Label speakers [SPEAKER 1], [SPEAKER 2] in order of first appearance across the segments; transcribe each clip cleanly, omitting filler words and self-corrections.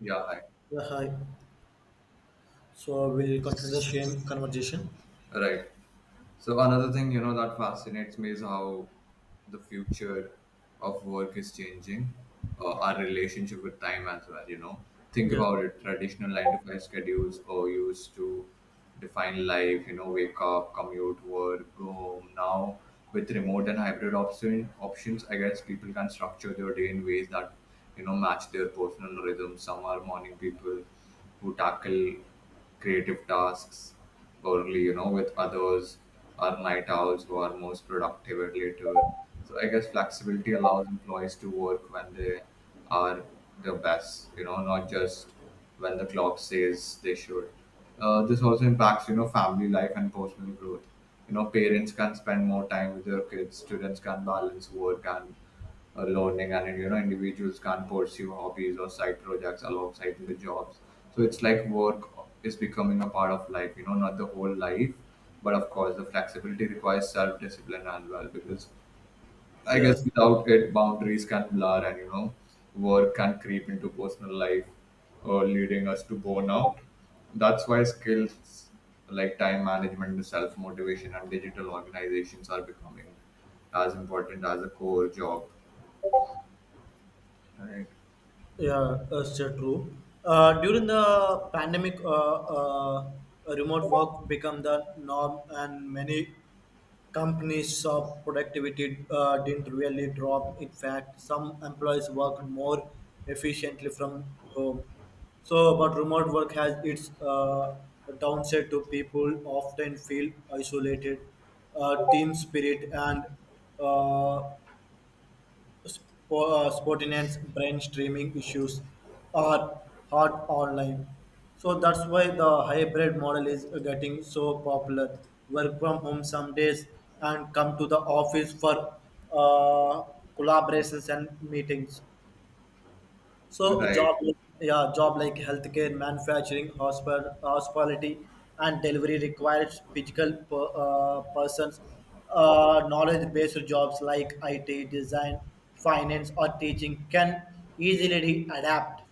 [SPEAKER 1] Yeah, hi.
[SPEAKER 2] Yeah, hi. So we'll continue the same conversation.
[SPEAKER 1] Right. So another thing, that fascinates me is how the future of work is changing, our relationship with time as well. Think
[SPEAKER 2] Yeah,
[SPEAKER 1] about it, traditional 9 to 5 schedules or used to define life, wake up, commute, work, go home. Now, with remote and hybrid options, I guess people can structure their day in ways that, match their personal rhythm. Some are morning people who tackle creative tasks early, with others are night owls who are most productive at later. So I guess flexibility allows employees to work when they are the best, not just when the clock says they should. This also impacts, family life and personal growth. Parents can spend more time with their kids, students can balance work and learning, and individuals can pursue hobbies or side projects alongside the jobs. So it's like work is becoming a part of life, not the whole life. But of course, the flexibility requires self-discipline as well, because I guess
[SPEAKER 2] yes,
[SPEAKER 1] without it boundaries can blur, and work can creep into personal life, or leading us to burnout. That's why skills like time management, self-motivation, and digital organizations are becoming as important as a core job, right?
[SPEAKER 2] yeah, that's true. During the pandemic, remote work became the norm, and many companies saw productivity didn't really drop. In fact, some employees worked more efficiently from home. So, but remote work has its downside to people often feel isolated, team spirit, and uh, spontaneous brainstreaming issues are hard online. So that's why the hybrid model is getting so popular. Work from home some days and come to the office for uh, collaborations and meetings. So a job,
[SPEAKER 1] Right,
[SPEAKER 2] yeah, job like healthcare, manufacturing, hospital, hospitality, and delivery requires physical persons. Knowledge-based jobs like IT, design, finance, or teaching can easily adapt.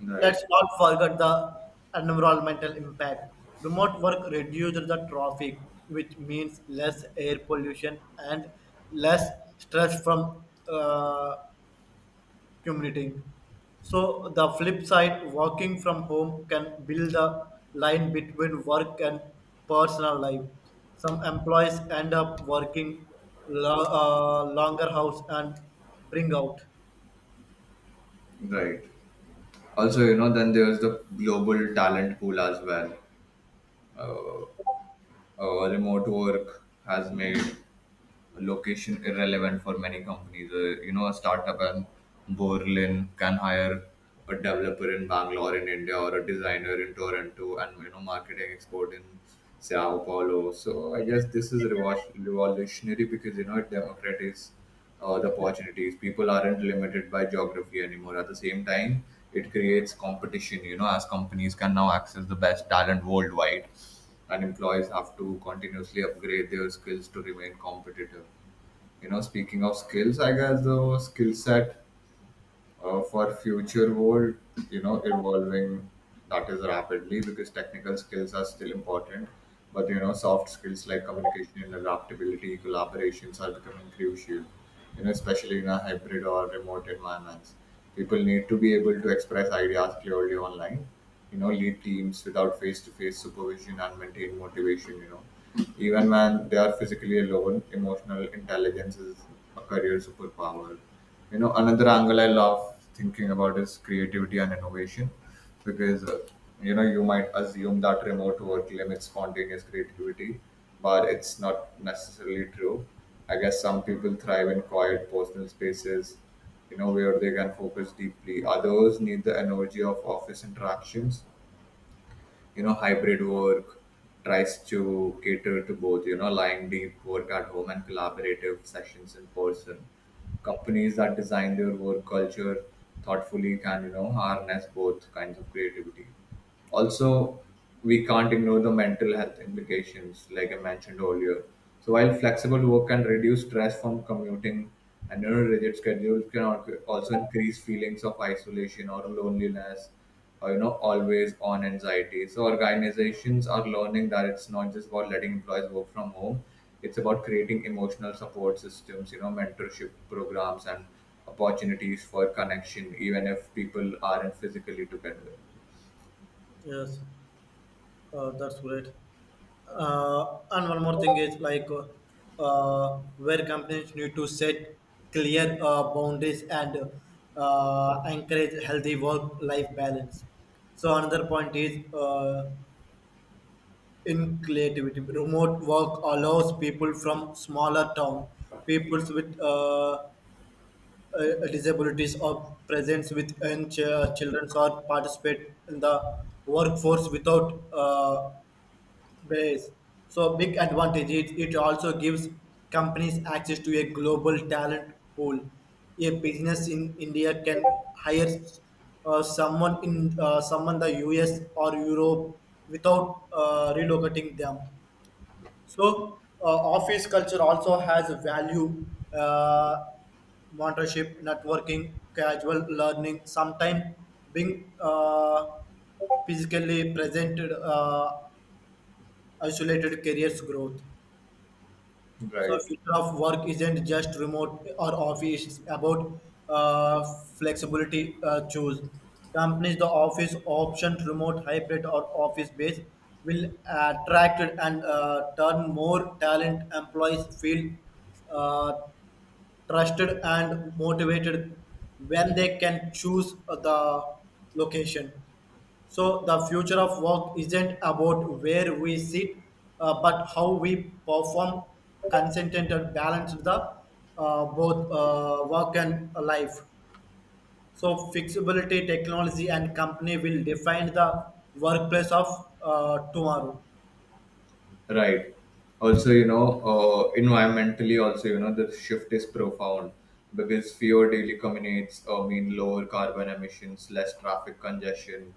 [SPEAKER 1] right,
[SPEAKER 2] Let's not forget the environmental impact. Remote work reduces the traffic, which means less air pollution and less stress from commuting. So the flip side, working from home can build the line between work and personal life. Some employees end up working longer hours and bring out.
[SPEAKER 1] right. Also, then there's the global talent pool as well. Uh, Remote work has made location irrelevant for many companies. A startup in Berlin can hire a developer in Bangalore in India, or a designer in Toronto, and marketing expert in Sao Paulo. So I guess this is revolutionary, because it democratizes the opportunities. People aren't limited by geography anymore. At the same time, it creates competition. As companies can now access the best talent worldwide, and employees have to continuously upgrade their skills to remain competitive. Speaking of skills, I guess the skill set for future world, evolving that is rapidly, because technical skills are still important, but soft skills like communication and adaptability, collaborations, are becoming crucial. Especially in a hybrid or remote environments, people need to be able to express ideas clearly online, lead teams without face-to-face supervision, and maintain motivation, even when they are physically alone. Emotional intelligence is a career superpower. Another angle I love thinking about is creativity and innovation. Because you might assume that remote work limits spontaneous creativity, but it's not necessarily true. I guess some people thrive in quiet personal spaces, where they can focus deeply. Others need the energy of office interactions. Hybrid work tries to cater to both, lying deep work at home and collaborative sessions in person. Companies that design their work culture thoughtfully can, harness both kinds of creativity. Also, we can't ignore the mental health implications, like I mentioned earlier. So while flexible work can reduce stress from commuting and, rigid schedules can also increase feelings of isolation or loneliness, or always on anxiety. So organizations are learning that it's not just about letting employees work from home. It's about creating emotional support systems, mentorship programs, and opportunities for connection even if people aren't physically together,
[SPEAKER 2] Yes, that's great. And one more thing is like where companies need to set clear boundaries and encourage healthy work-life balance. So another point is in creativity. Remote work allows people from smaller town, people with disabilities or presence with young children or participate in the workforce without base. So big advantage. It also gives companies access to a global talent pool. A business in India can hire someone in someone the US or Europe without relocating them. So office culture also has a value, uh, mentorship, networking, casual learning, sometimes being physically presented, isolated careers growth. So
[SPEAKER 1] right?
[SPEAKER 2] future of work isn't just remote or office. It's about uh, flexibility. Choose companies. The office option, remote, hybrid, or office based will attract and turn more talent. Employees feel uh, trusted and motivated when they can choose the location. So, the future of work isn't about where we sit, but how we perform consistent and balance the both work and life. So, flexibility, technology, and company will define the workplace of tomorrow.
[SPEAKER 1] Right. Also, environmentally, the shift is profound, because fewer daily commutes mean lower carbon emissions, less traffic congestion,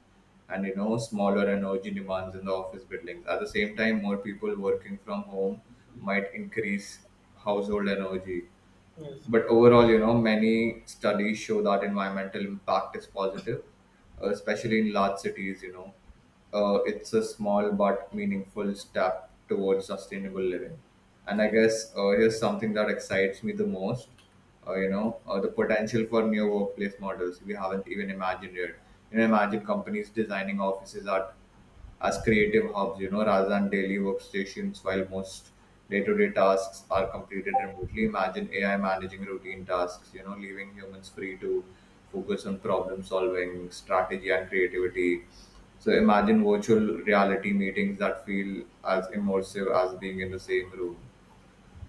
[SPEAKER 1] and, smaller energy demands in the office buildings. At the same time, more people working from home might increase household energy,
[SPEAKER 2] Yes.
[SPEAKER 1] but overall, many studies show that environmental impact is positive, especially in large cities. It's a small but meaningful step towards sustainable living. And I guess here's something that excites me the most, the potential for new workplace models we haven't even imagined yet. Imagine companies designing offices that as creative hubs, rather than daily workstations, while most day-to-day tasks are completed remotely. Imagine AI managing routine tasks, leaving humans free to focus on problem solving, strategy, and creativity. So imagine virtual reality meetings that feel as immersive as being in the same room.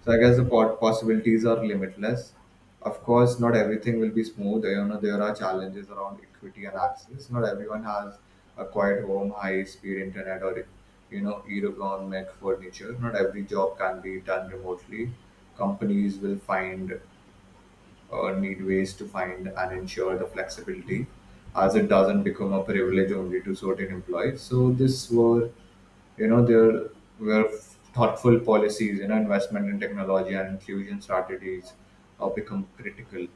[SPEAKER 1] So I guess the pot possibilities are limitless. Of course, not everything will be smooth. There are challenges around equity and access. Not everyone has a quiet home, high-speed internet, or ergonomic furniture. Not every job can be done remotely. Companies will find or need ways to find and ensure the flexibility, as it doesn't become a privilege only to certain employees. So this were, there were thoughtful policies, investment in technology and inclusion strategies become critical.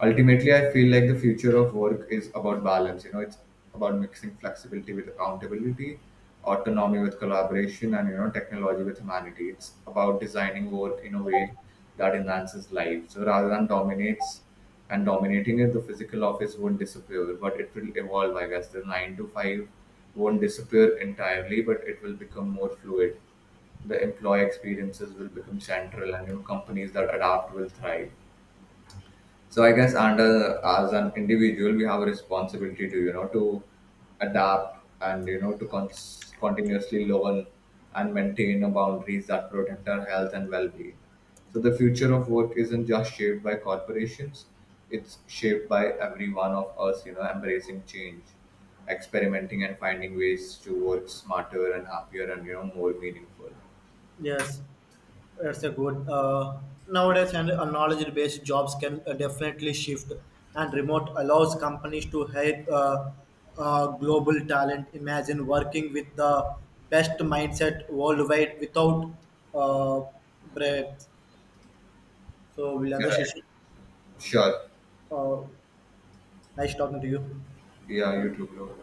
[SPEAKER 1] Ultimately, I feel like the future of work is about balance. It's about mixing flexibility with accountability, autonomy with collaboration, and technology with humanity. It's about designing work in a way that enhances life, so rather than dominates and dominating it. The physical office won't disappear, but it will evolve. I guess the 9 to 5 won't disappear entirely, but it will become more fluid. The employee experiences will become central, and companies that adapt will thrive. So I guess, under as an individual, we have a responsibility to adapt, and to continuously learn and maintain a boundaries that protect our health and well-being. So the future of work isn't just shaped by corporations; it's shaped by every one of us. Embracing change, experimenting, and finding ways to work smarter and happier, and more meaningful.
[SPEAKER 2] Yes. That's a good. Nowadays, and knowledge-based jobs can definitely shift, and remote allows companies to hire global talent. Imagine working with the best mindset worldwide without uh, breaks. So,
[SPEAKER 1] You're
[SPEAKER 2] Vilandra
[SPEAKER 1] right.
[SPEAKER 2] Shishi,
[SPEAKER 1] Sure.
[SPEAKER 2] uh, nice talking to you.
[SPEAKER 1] Yeah, you too, bro.